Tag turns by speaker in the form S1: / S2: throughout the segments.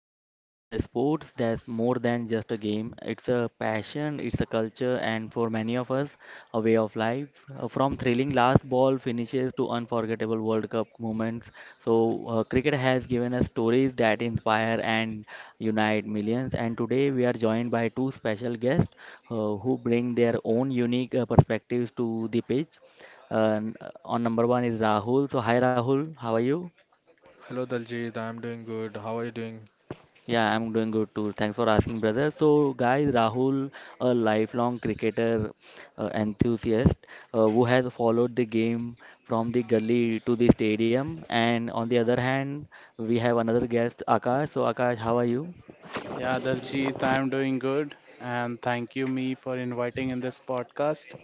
S1: of cricket, the sports that's more than just a game. It's a passion, it's a culture, and for many of us, a way of life. From thrilling last ball finishes to unforgettable World Cup moments. So, cricket has given us stories that inspire and unite millions. And today we are joined by two special guests who bring their own unique perspectives to the pitch. And On number one is Rahul. So, hi Rahul, how are you?
S2: Hello Daljit, I'm doing good. How are you doing?
S1: Yeah, I'm doing good too. Thanks for asking, brother. So, guys, Rahul, a lifelong cricketer enthusiast who has followed the game from the gully to the stadium. And on the other hand, we have another guest, Akash. So, Akash, how are you?
S3: Yeah, Daljit, I'm doing good, and thank you me for inviting in this podcast.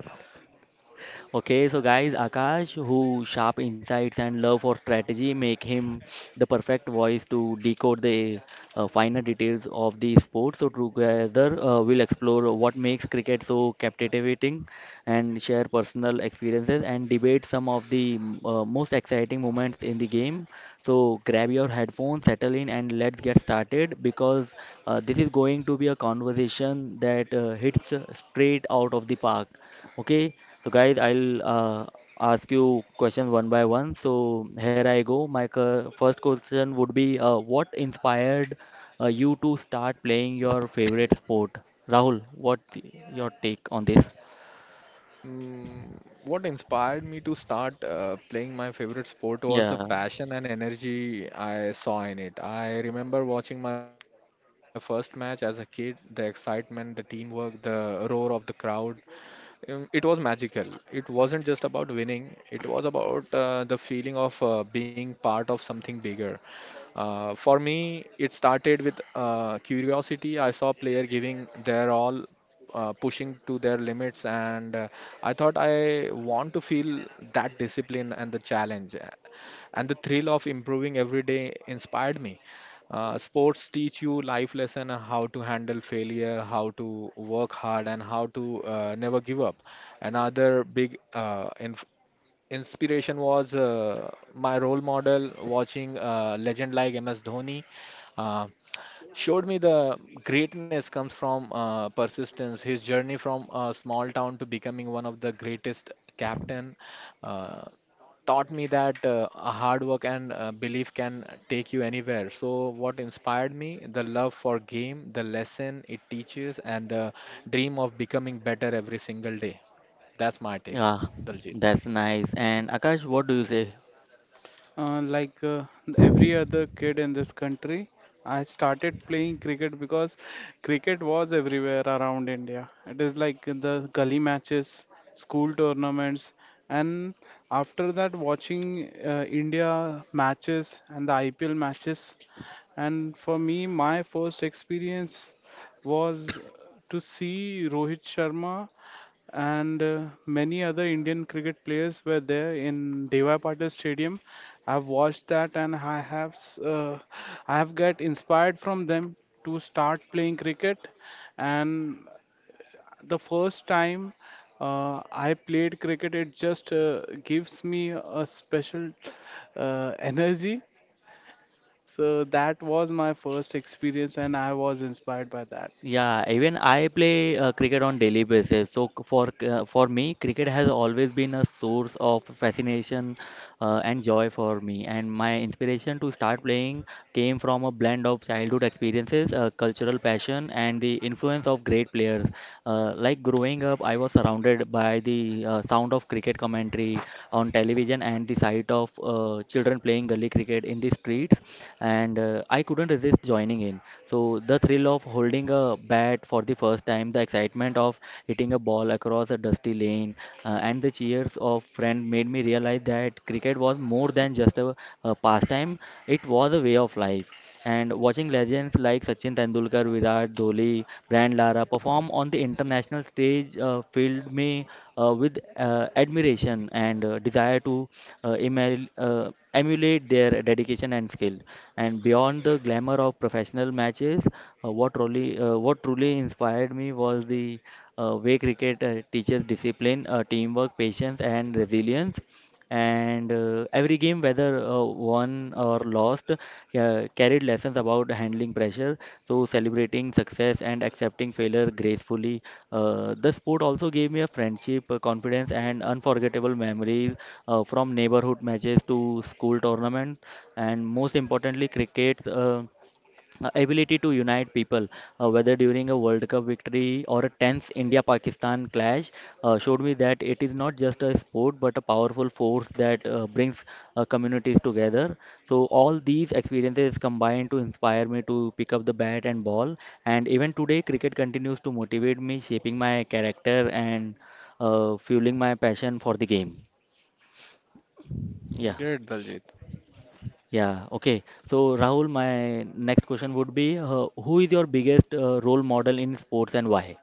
S1: Okay, so guys, Akash, who sharp insights and love for strategy make him the perfect voice to decode the finer details of the sport. So together, we'll explore what makes cricket so captivating and share personal experiences and debate some of the most exciting moments in the game. So grab your headphones, settle in, and let's get started because this is going to be a conversation that hits straight out of the park. Okay, so guys, I'll ask you questions one by one. So here I go. My first question would be, what inspired you to start playing your favorite sport? Rahul, what's your take on this?
S2: What inspired me to start playing my favorite sport was the
S1: Yeah,
S2: passion and energy I saw in it. I remember watching my first match as a kid: the excitement, the teamwork, the roar of the crowd. It was magical. It wasn't just about winning, it was about the feeling of being part of something bigger. For me, it started with curiosity. I saw player giving their all, pushing to their limits, and I thought I want to feel that discipline and the challenge, and the thrill of improving every day inspired me. Sports teach you life lesson on how to handle failure, how to work hard, and how to never give up. Another big inf inspiration was my role model watching a legend like MS Dhoni. Uh, Showed me the greatness comes from persistence. His journey from a small town to becoming one of the greatest captain uh, taught me that a hard work and belief can take you anywhere. So what inspired me? The love for game, the lesson it teaches, and the dream of becoming better every single day. That's my take,
S1: yeah,
S2: Daljit.
S1: that's nice. And Akash, what do you say?
S3: Uh, like uh, every other kid in this country, I started playing cricket because cricket was everywhere around India. It is like the gully matches, school tournaments, and after that, watching India matches and the IPL matches. And for me, my first experience was to see Rohit Sharma and many other Indian cricket players were there in Devi Patil Stadium. I've watched that, and I have got inspired from them to start playing cricket. And the first time I played cricket, it just gives me a special energy. So that was my first experience, and I was inspired by that.
S1: Yeah, even I play cricket on daily basis. For me, cricket has always been a source of fascination and joy for me. And my inspiration to start playing came from a blend of childhood experiences, cultural passion, and the influence of great players. Like growing up, I was surrounded by the sound of cricket commentary on television and the sight of children playing gully cricket in the streets, and I couldn't resist joining in. So the thrill of holding a bat for the first time, the excitement of hitting a ball across a dusty lane, and the cheers of friends made me realize that cricket was more than just a pastime, it was a way of life. And watching legends like Sachin Tendulkar, Virat Kohli, Brand Lara perform on the international stage filled me with admiration and desire to emulate their dedication and skill. And beyond the glamour of professional matches, what truly inspired me was the way cricket teaches discipline, teamwork, patience, and resilience, and every game, whether won or lost, carried lessons about handling pressure, so celebrating success and accepting failure gracefully. Uh, the sport also gave me a friendship, confidence, and unforgettable memories, from neighborhood matches to school tournaments. And most importantly, cricket ability to unite people, whether during a World Cup victory or a tense India Pakistan clash, showed me that it is not just a sport but a powerful force that brings communities together. So, all these experiences combined to inspire me to pick up the bat and ball. And even today, cricket continues to motivate me, shaping my character and fueling my passion for the game. Yeah.
S2: Good, Daljit.
S1: Yeah, okay. So, Rahul, my next question would be, who is your biggest role model in sports and why?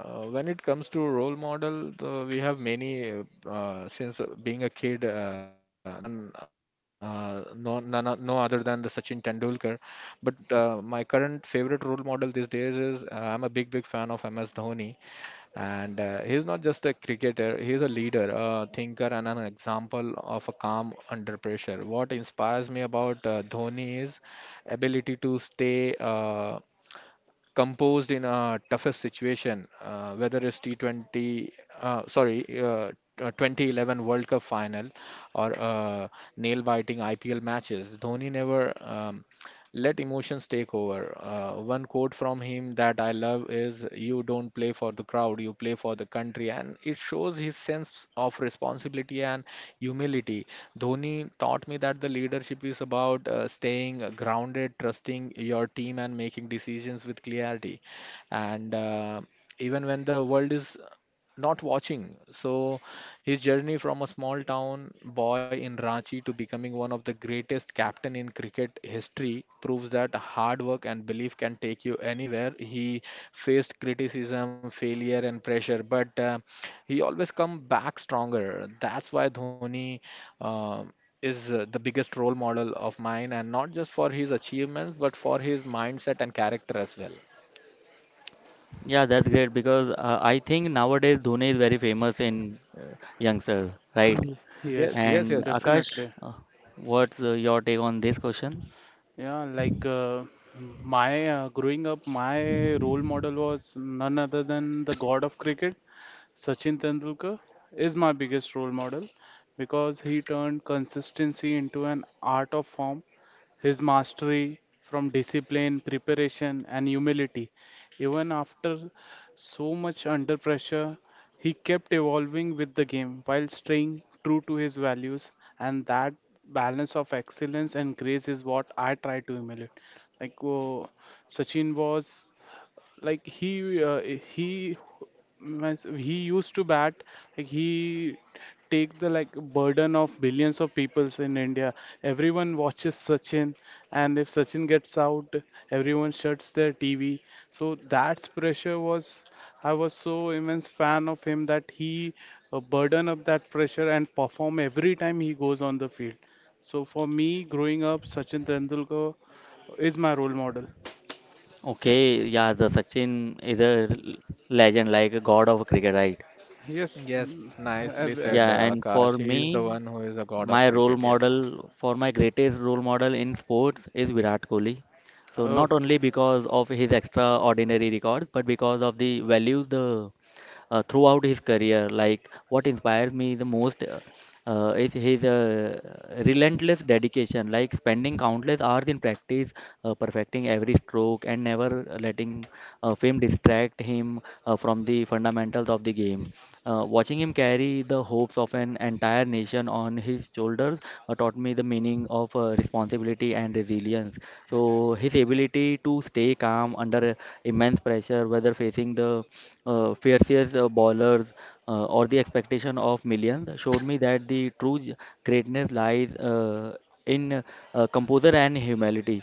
S2: When it comes to role model, we have many. Since being a kid, there was an no, none, no other than the Sachin Tendulkar. But my current favorite role model these days is I'm a big, big fan of MS Dhoni, and he's not just a cricketer. He's a leader, a thinker, and an example of a calm under pressure. What inspires me about Dhoni is ability to stay. Composed in a toughest situation, whether it's T20, uh, sorry, uh, 2011 World Cup final or nail-biting IPL matches. Dhoni never let emotions take over. One quote from him that I love is, "You don't play for the crowd, you play for the country." And it shows his sense of responsibility and humility. Dhoni taught me that the leadership is about staying grounded, trusting your team, and making decisions with clarity and even when the world is not watching. So his journey from a small town boy in Ranchi to becoming one of the greatest captain in cricket history proves that hard work and belief can take you anywhere. He faced criticism, failure and pressure, but he always come back stronger. That's why Dhoni uh, is the biggest role model of mine, and not just for his achievements but for his mindset and character as well.
S1: Yeah, that's great because I think nowadays Dhoni is very famous in youngsters, right?
S2: Yes,
S3: Yes,
S2: yes,
S1: And
S2: yes,
S1: Akash,
S3: definitely.
S1: uh, what's your take on this question?
S3: Yeah, my growing up, my role model was none other than the god of cricket, Sachin Tendulkar, is my biggest role model because he turned consistency into an art of form. His mastery from discipline, preparation, and humility. Even after so much under pressure, he kept evolving with the game while staying true to his values. And that balance of excellence and grace is what I try to emulate. Like, oh, Sachin was like he means he used to bat like he take the like burden of billions of peoples in India. Everyone watches Sachin, and if Sachin gets out, everyone shuts their TV. So that pressure was I was so immense fan of him that he burden up that pressure and perform every time he goes on the field. So for me, growing up, Sachin Tendulkar is my role model.
S1: Okay, yeah, the Sachin is a legend, like a god of cricket, right?
S3: Yes.
S2: yes. Nicely
S3: Ev-
S1: Yeah,
S2: said,
S1: and for
S2: Akash. He is the
S1: me,
S2: one who is the god of
S1: my role
S2: cricket. Yes.
S1: model for my greatest role model in sports is Virat Kohli. So
S3: Oh,
S1: not only because of his extraordinary records, but because of the values the throughout his career. Like what inspires me the most is his relentless dedication, like spending countless hours in practice, perfecting every stroke, and never letting fame distract him from the fundamentals of the game. Watching him carry the hopes of an entire nation on his shoulders taught me the meaning of responsibility and resilience. So, his ability to stay calm under immense pressure, whether facing the fiercest bowlers or the expectation of millions, showed me that the greatness lies in composure and humility.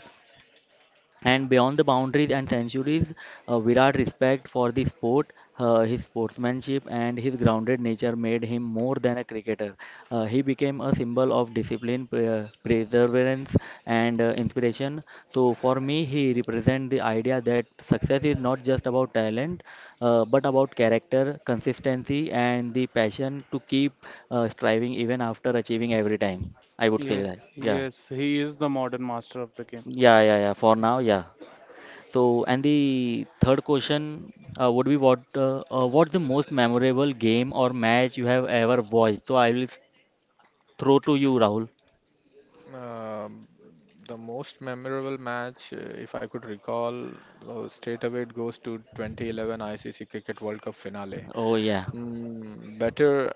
S1: And beyond the boundaries and centuries, Virat's respect for the sport, his sportsmanship, and his grounded nature made him more than a cricketer. He became a symbol of discipline, perseverance, and inspiration. So, for me, he represents the idea that success is not just about talent, but about character, consistency, and the passion to keep striving even after achieving every time. I would say
S3: yeah,
S1: that. Yeah.
S3: yes, he is the modern master of the game.
S1: Yeah, yeah, yeah. For now, yeah. So, and the third question would be what what's the most memorable game or match you have ever watched? So I will throw to you, Rahul.
S2: Um the most memorable match, if I could recall, straight away it goes to 2011 ICC Cricket World Cup finale.
S1: Oh yeah,
S2: Mm, better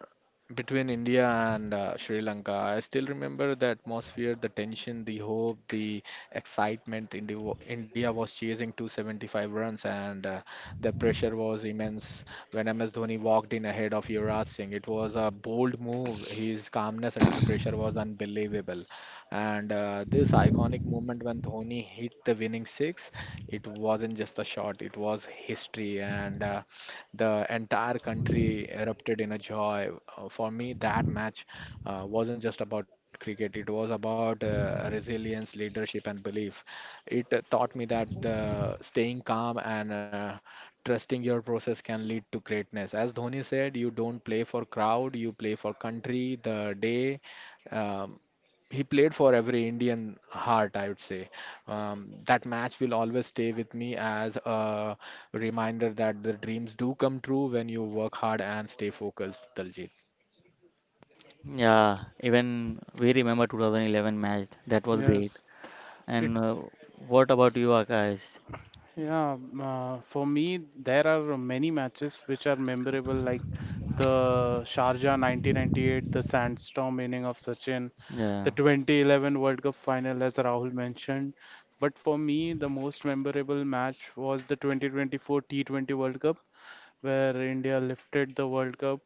S2: between India and Sri Lanka. I still remember the atmosphere, the tension, the hope, the excitement. India was chasing 275 runs, and the pressure was immense. When MS Dhoni walked in ahead of Yuvraj Singh, it was a bold move. His calmness under pressure was unbelievable. And this iconic moment when Dhoni hit the winning six, it wasn't just a shot; it was history. And the entire country erupted in a joy. For me, that match wasn't just about cricket, it was about resilience, leadership, and belief. It taught me that the staying calm and trusting your process can lead to greatness. As Dhoni said, you don't play for crowd, you play for country, the day. Um, he played for every Indian heart, I would say. That match will always stay with me as a reminder that the dreams do come true when you work hard and stay focused, Daljit.
S1: yeah. Even we remember 2011 match. That was great.
S3: Yes, it,
S1: And what about you, Akash?
S3: yeah, for me, there are many matches which are memorable, like the Sharjah 1998, the Sandstorm inning of Sachin,
S1: Yeah,
S3: the 2011 World Cup final, as Rahul mentioned. But for me, the most memorable match was the 2024 T20 World Cup, where India lifted the World Cup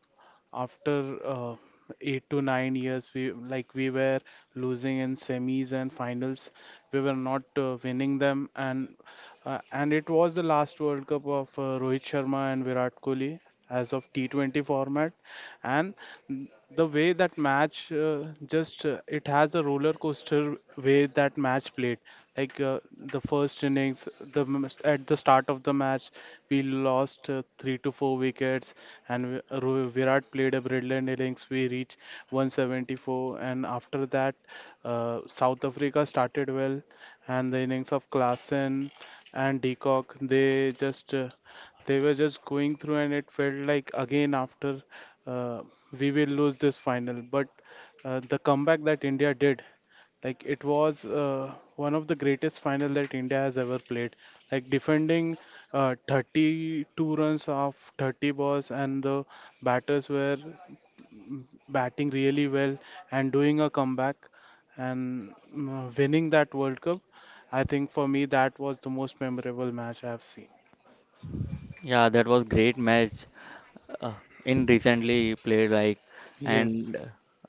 S3: after 8 to 9 years we were losing in semis and finals, we were not winning them. And it was the last World Cup of Rohit Sharma and Virat Kohli as of T20 format. and N- the way that match just it has a roller coaster way that match played. like uh, the first innings, at the start of the match we lost 3 to 4 wickets. and Virat played a brilliant innings, we reached 174, and after that South Africa started well. And the innings of Klassen and Decock, they were just going through and it felt like again after uh, we will lose this final. But the comeback that India did, like it was one of the greatest final that India has ever played. Like defending 32 runs of 30 balls, and the batters were mm, batting really well and doing a comeback and winning that World Cup. I think for me that was the most memorable match I've seen.
S1: yeah. That was great match. Uh, in recently played like,
S3: Yes,
S1: and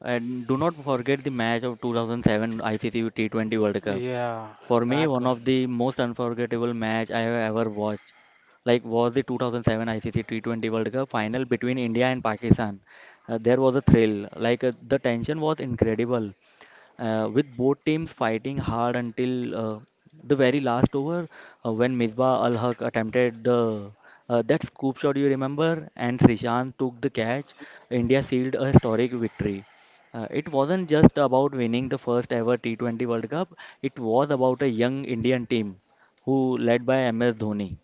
S1: and do not forget the match of 2007 ICC T20 World Cup.
S3: yeah,
S1: For me,
S3: that
S1: one
S3: one.
S1: of the most unforgettable match I have ever watched, like, was the 2007 ICC T20 World Cup final between India and Pakistan. There was a thrill, like, the tension was incredible with both teams fighting hard until the very last over when Misbah Al Haq attempted the that scoop shot, you remember, and Srishant took the catch. India sealed a historic victory. It wasn't just about winning the first ever T20 World Cup, it was about a young Indian team who led by MS Dhoni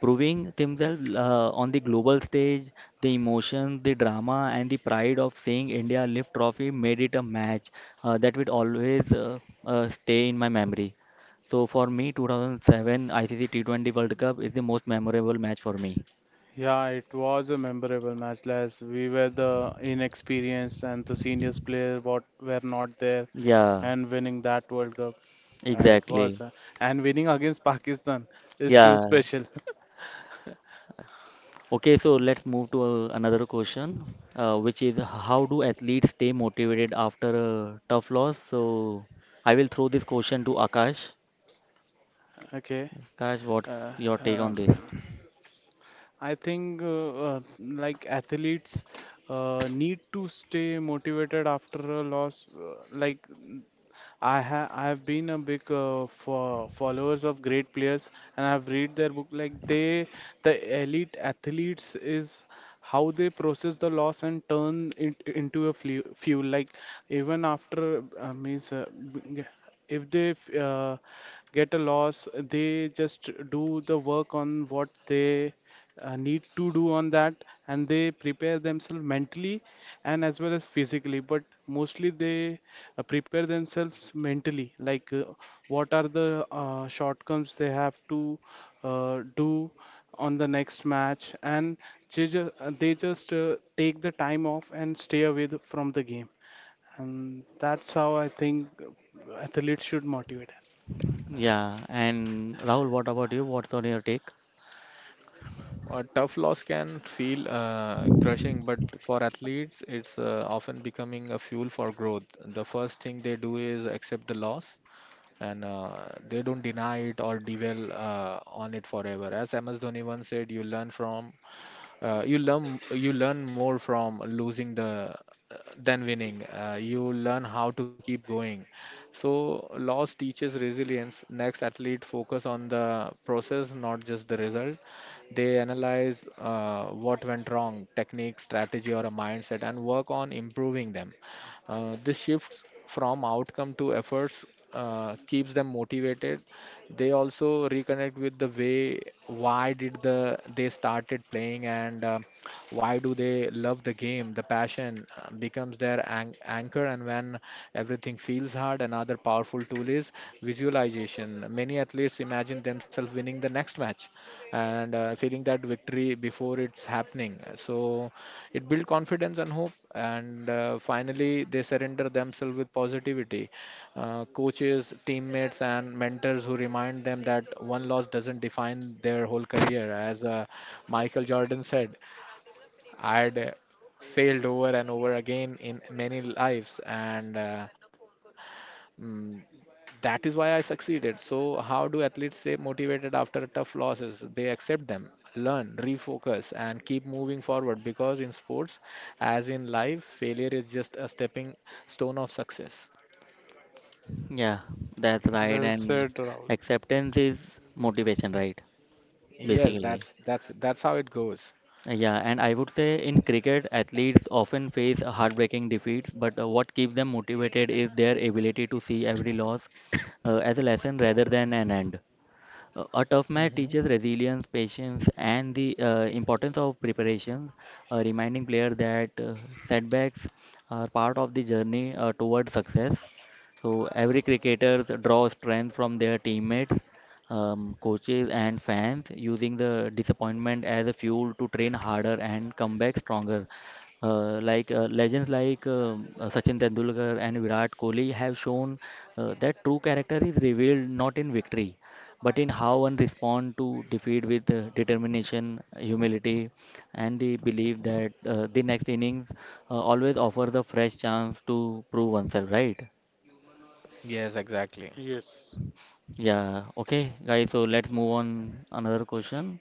S1: proving themselves on the global stage. The emotion, the drama, and the pride of seeing India lift trophy made it a match that will always stay in my memory. So for me, 2007 ICC T20 World Cup is the most memorable match for me.
S3: Yeah, it was a memorable match. Last we were the inexperienced and the seniors player what were not there
S1: Yeah,
S3: and winning that World Cup. Yeah, it was,
S1: exactly.
S3: and winning against Pakistan is too
S1: Yeah.
S3: special.
S1: Okay, so let's move to another question, which is how do athletes stay motivated after a tough loss? So I will throw this question to Akash.
S3: Okay.
S1: Guys, what's
S3: Uh,
S1: your take on this?
S3: um, I think athletes need to stay motivated after a loss. I have been a big fo followers of great players, and I've read their book. The elite athletes is how they process the loss and turn it into a fuel. Like even after b- if they get a loss, they just do the work on what they need to do on that and they prepare themselves mentally and as well as physically, but mostly they prepare themselves mentally, like what are the shortcomings they have to do on the next match, and they just, they just take the time off and stay away from the game. And that's how I think athletes should motivate.
S1: Yeah, and Rahul, what about you? What's on your take?
S2: A tough loss can feel crushing, but for athletes, it's often becoming a fuel for growth. The first thing they do is accept the loss and they don't deny it or dwell on it forever. As MS Dhoni once said, you learn you learn more from losing the than winning. You learn how to keep going. So loss teaches resilience. Next athlete focus on the process, not just the result. They analyze what went wrong, technique, strategy, or a mindset, and work on improving them. This shifts from outcome to efforts keeps them motivated. They also reconnect with the way why did the they started playing, and why do they love the game. The passion becomes their anchor, and when everything feels hard, another powerful tool is visualization. Many athletes imagine themselves winning the next match and feeling that victory before it's happening. So it builds confidence and hope, and finally they surrender themselves with positivity. Coaches, teammates, and mentors who remind them that one loss doesn't define their whole career. As Michael Jordan said, "I'd failed over and over again in many lives, and mm, that is why I succeeded." So, how do athletes stay motivated after tough losses? They accept them. Learn, refocus, and keep moving forward, because in sports, as in life, failure is just a stepping stone of success.
S1: Yeah, that's right.
S3: Well
S1: And
S3: said, Rahul.
S1: acceptance is motivation, right?
S2: Yes, that's
S1: Basically.
S2: that's that's how it goes.
S1: Yeah, and I would say in cricket, athletes often face heartbreaking defeats, but what keeps them motivated is their ability to see every loss as a lesson rather than an end. A tough match
S2: hmm
S1: teaches resilience, patience, and the importance of preparation, reminding players that setbacks are part of the journey toward success. So every cricketer draws strength from their teammates, coaches, and fans, using the disappointment as a fuel to train harder and come back stronger. Legends like Sachin Tendulkar and Virat Kohli have shown that true character is revealed not in victory but in how one respond to defeat with determination, humility, and the belief that the next innings always offers a fresh chance to prove oneself, right?
S2: Yes, exactly.
S3: Yes.
S1: Yeah, okay, guys, so let's move on another question.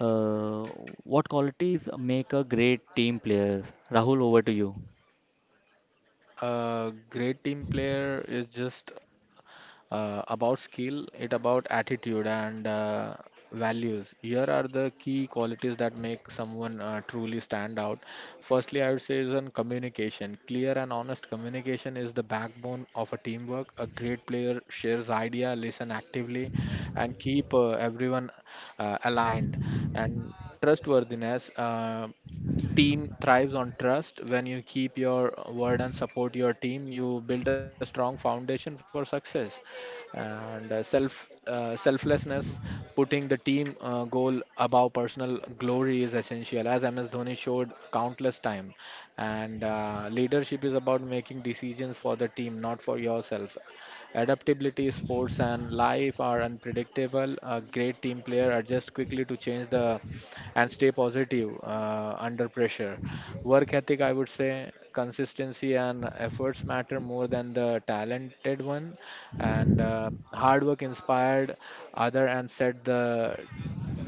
S1: Uh, what qualities make a great team player? Rahul, over to you.
S2: A great team player is just about skill, it about attitude and values. Here are the key qualities that make someone truly stand out. Firstly, I would say is on communication. Clear and honest communication is the backbone of a teamwork. A great player shares idea, listen actively, and keep everyone aligned. And trustworthiness. Team thrives on trust. When you keep your word and support your team, you build a strong foundation for success. And selflessness, putting the team goal above personal glory is essential, as MS Dhoni showed countless time. And leadership is about making decisions for the team, not for yourself. Adaptability, sports, and life are unpredictable. A great team player adjusts quickly to change the and stay positive under pressure. Work ethic, I would say, consistency and efforts matter more than the talented one. And hard work inspired other and set the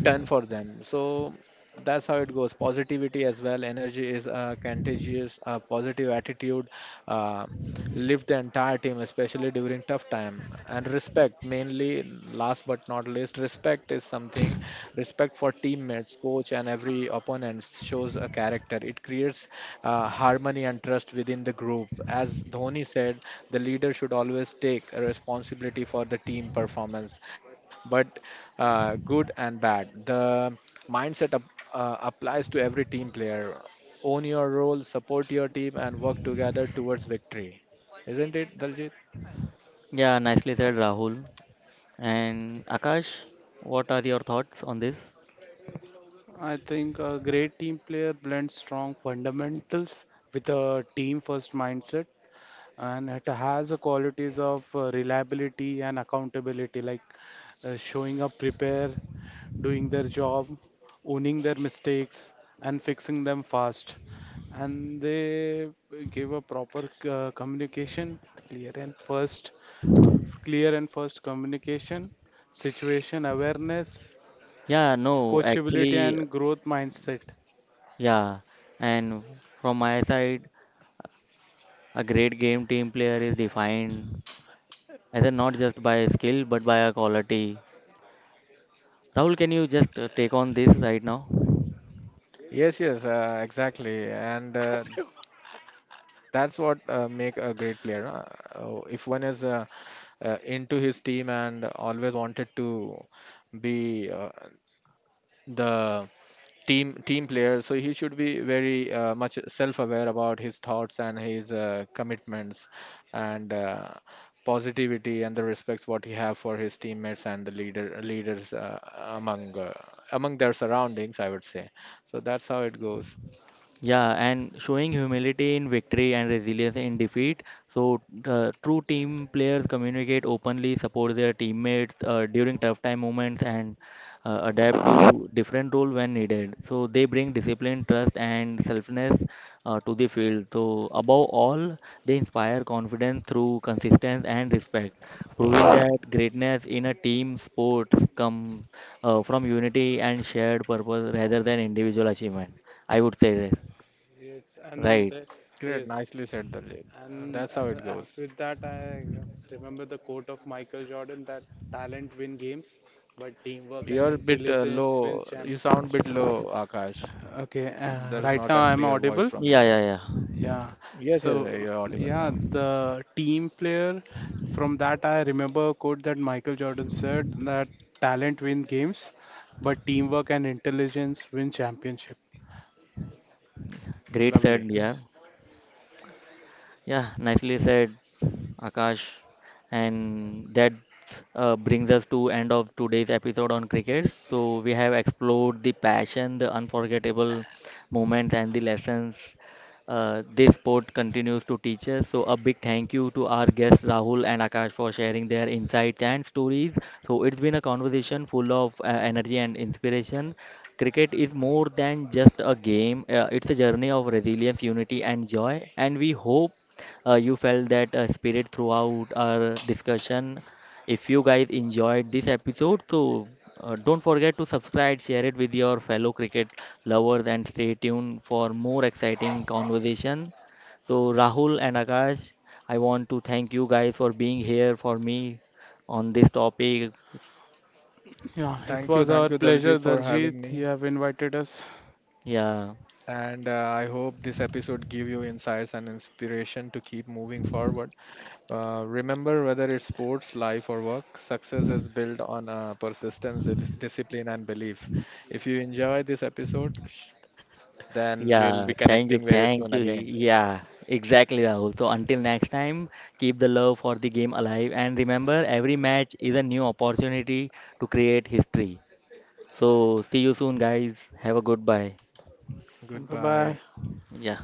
S2: done for them. So that's how it goes. Positivity as well. Energy is contagious. Positive attitude uh, lift the entire team, especially during tough time. And respect, mainly last but not least, respect is something. Respect for teammates, coach, and every opponent shows a character. It creates harmony and trust within the group. As Dhoni said, the leader should always take responsibility for the team performance, but good and bad. The mindset applies to every team player. Own your role, support your team, and work together towards victory. Isn't it, Daljit?
S1: Yeah, nicely said, Rahul. And Akash, what are your thoughts on this?
S3: I think a great team player blends strong fundamentals with a team first mindset, and it has the qualities of reliability and accountability, like showing up prepare, doing their job, owning their mistakes and fixing them fast. And they give a proper communication, clear and first, uh, clear and first communication, situation awareness,
S1: Yeah, no,
S3: coachability
S1: actually,
S3: and growth mindset.
S1: yeah. And from my side, a great game team player is defined either not just by skill but by a quality. Rahul, can you just take on this right now?
S2: Yes, exactly, and that's what make a great player. Oh, if one is into his team and always wanted to be the team player, so he should be very much self-aware about his thoughts and his commitments and positivity and the respects what he have for his teammates and the leaders among among their surroundings, I would say. So that's how it goes.
S1: Yeah, and showing humility in victory and resilience in defeat. So, true team players communicate openly, support their teammates during tough time moments, and adapt to different role when needed. So, they bring discipline, trust, and selfness to the field. So, above all, they inspire confidence through consistency and respect, proving that greatness in a team sport comes from unity and shared purpose rather than individual achievement. I would say this.
S3: Yes, and
S1: Right.
S3: the,
S2: Great,
S3: yes,
S2: nicely said, Dalit. That's how
S3: and
S2: it goes.
S3: With that, I remember the quote of Michael Jordan that talent win games, but teamwork and
S2: You're a bit
S3: intelligence win
S2: low. You sound bit
S3: championship.
S2: low, Akash.
S3: Okay,
S2: There's not a clear
S3: right now
S2: voice
S3: I'm
S2: from your end.
S3: audible.
S1: Yeah, yeah, yeah.
S3: Yeah.
S2: Yes, yes, you're
S3: So,
S2: audible now.
S3: yeah, the team player, from that I remember a quote that Michael Jordan said that talent win games, but teamwork and intelligence win championship.
S1: Great
S2: Lovely.
S1: said, yeah. Yeah, nicely said, Akash. And that brings us to end of today's episode on cricket. So we have explored the passion, the unforgettable moments, and the lessons this sport continues to teach us. So a big thank you to our guests Rahul and Akash for sharing their insights and stories. So it's been a conversation full of energy and inspiration. Cricket is more than just a game. It's a journey of resilience, unity, and joy. And we hope you felt that spirit throughout our discussion. If you guys enjoyed this episode, so don't forget to subscribe, share it with your fellow cricket lovers, and stay tuned for more exciting conversation. So, Rahul and Akash, I want to thank you guys for being here for me on this topic.
S3: Yeah, it was our
S2: Thank you,
S3: pleasure,
S2: Daljit, for having
S3: Daljit. You
S2: me.
S3: have invited us.
S1: Yeah.
S2: And I hope this episode give you insights and inspiration to keep moving forward. Remember, whether it's sports, life, or work, success is built on persistence, dis- discipline, and belief. If you enjoy this episode, then we'll
S1: Yeah,
S2: be
S1: thank you,
S2: connecting very
S1: thank
S2: soon
S1: you.
S2: again.
S1: Yeah, exactly, Rahul. So until next time, keep the love for the game alive and remember every match is a new opportunity to create history. So see you soon guys. Have a good bye.
S3: Bye
S2: Goodbye.
S3: bye.
S1: Yeah.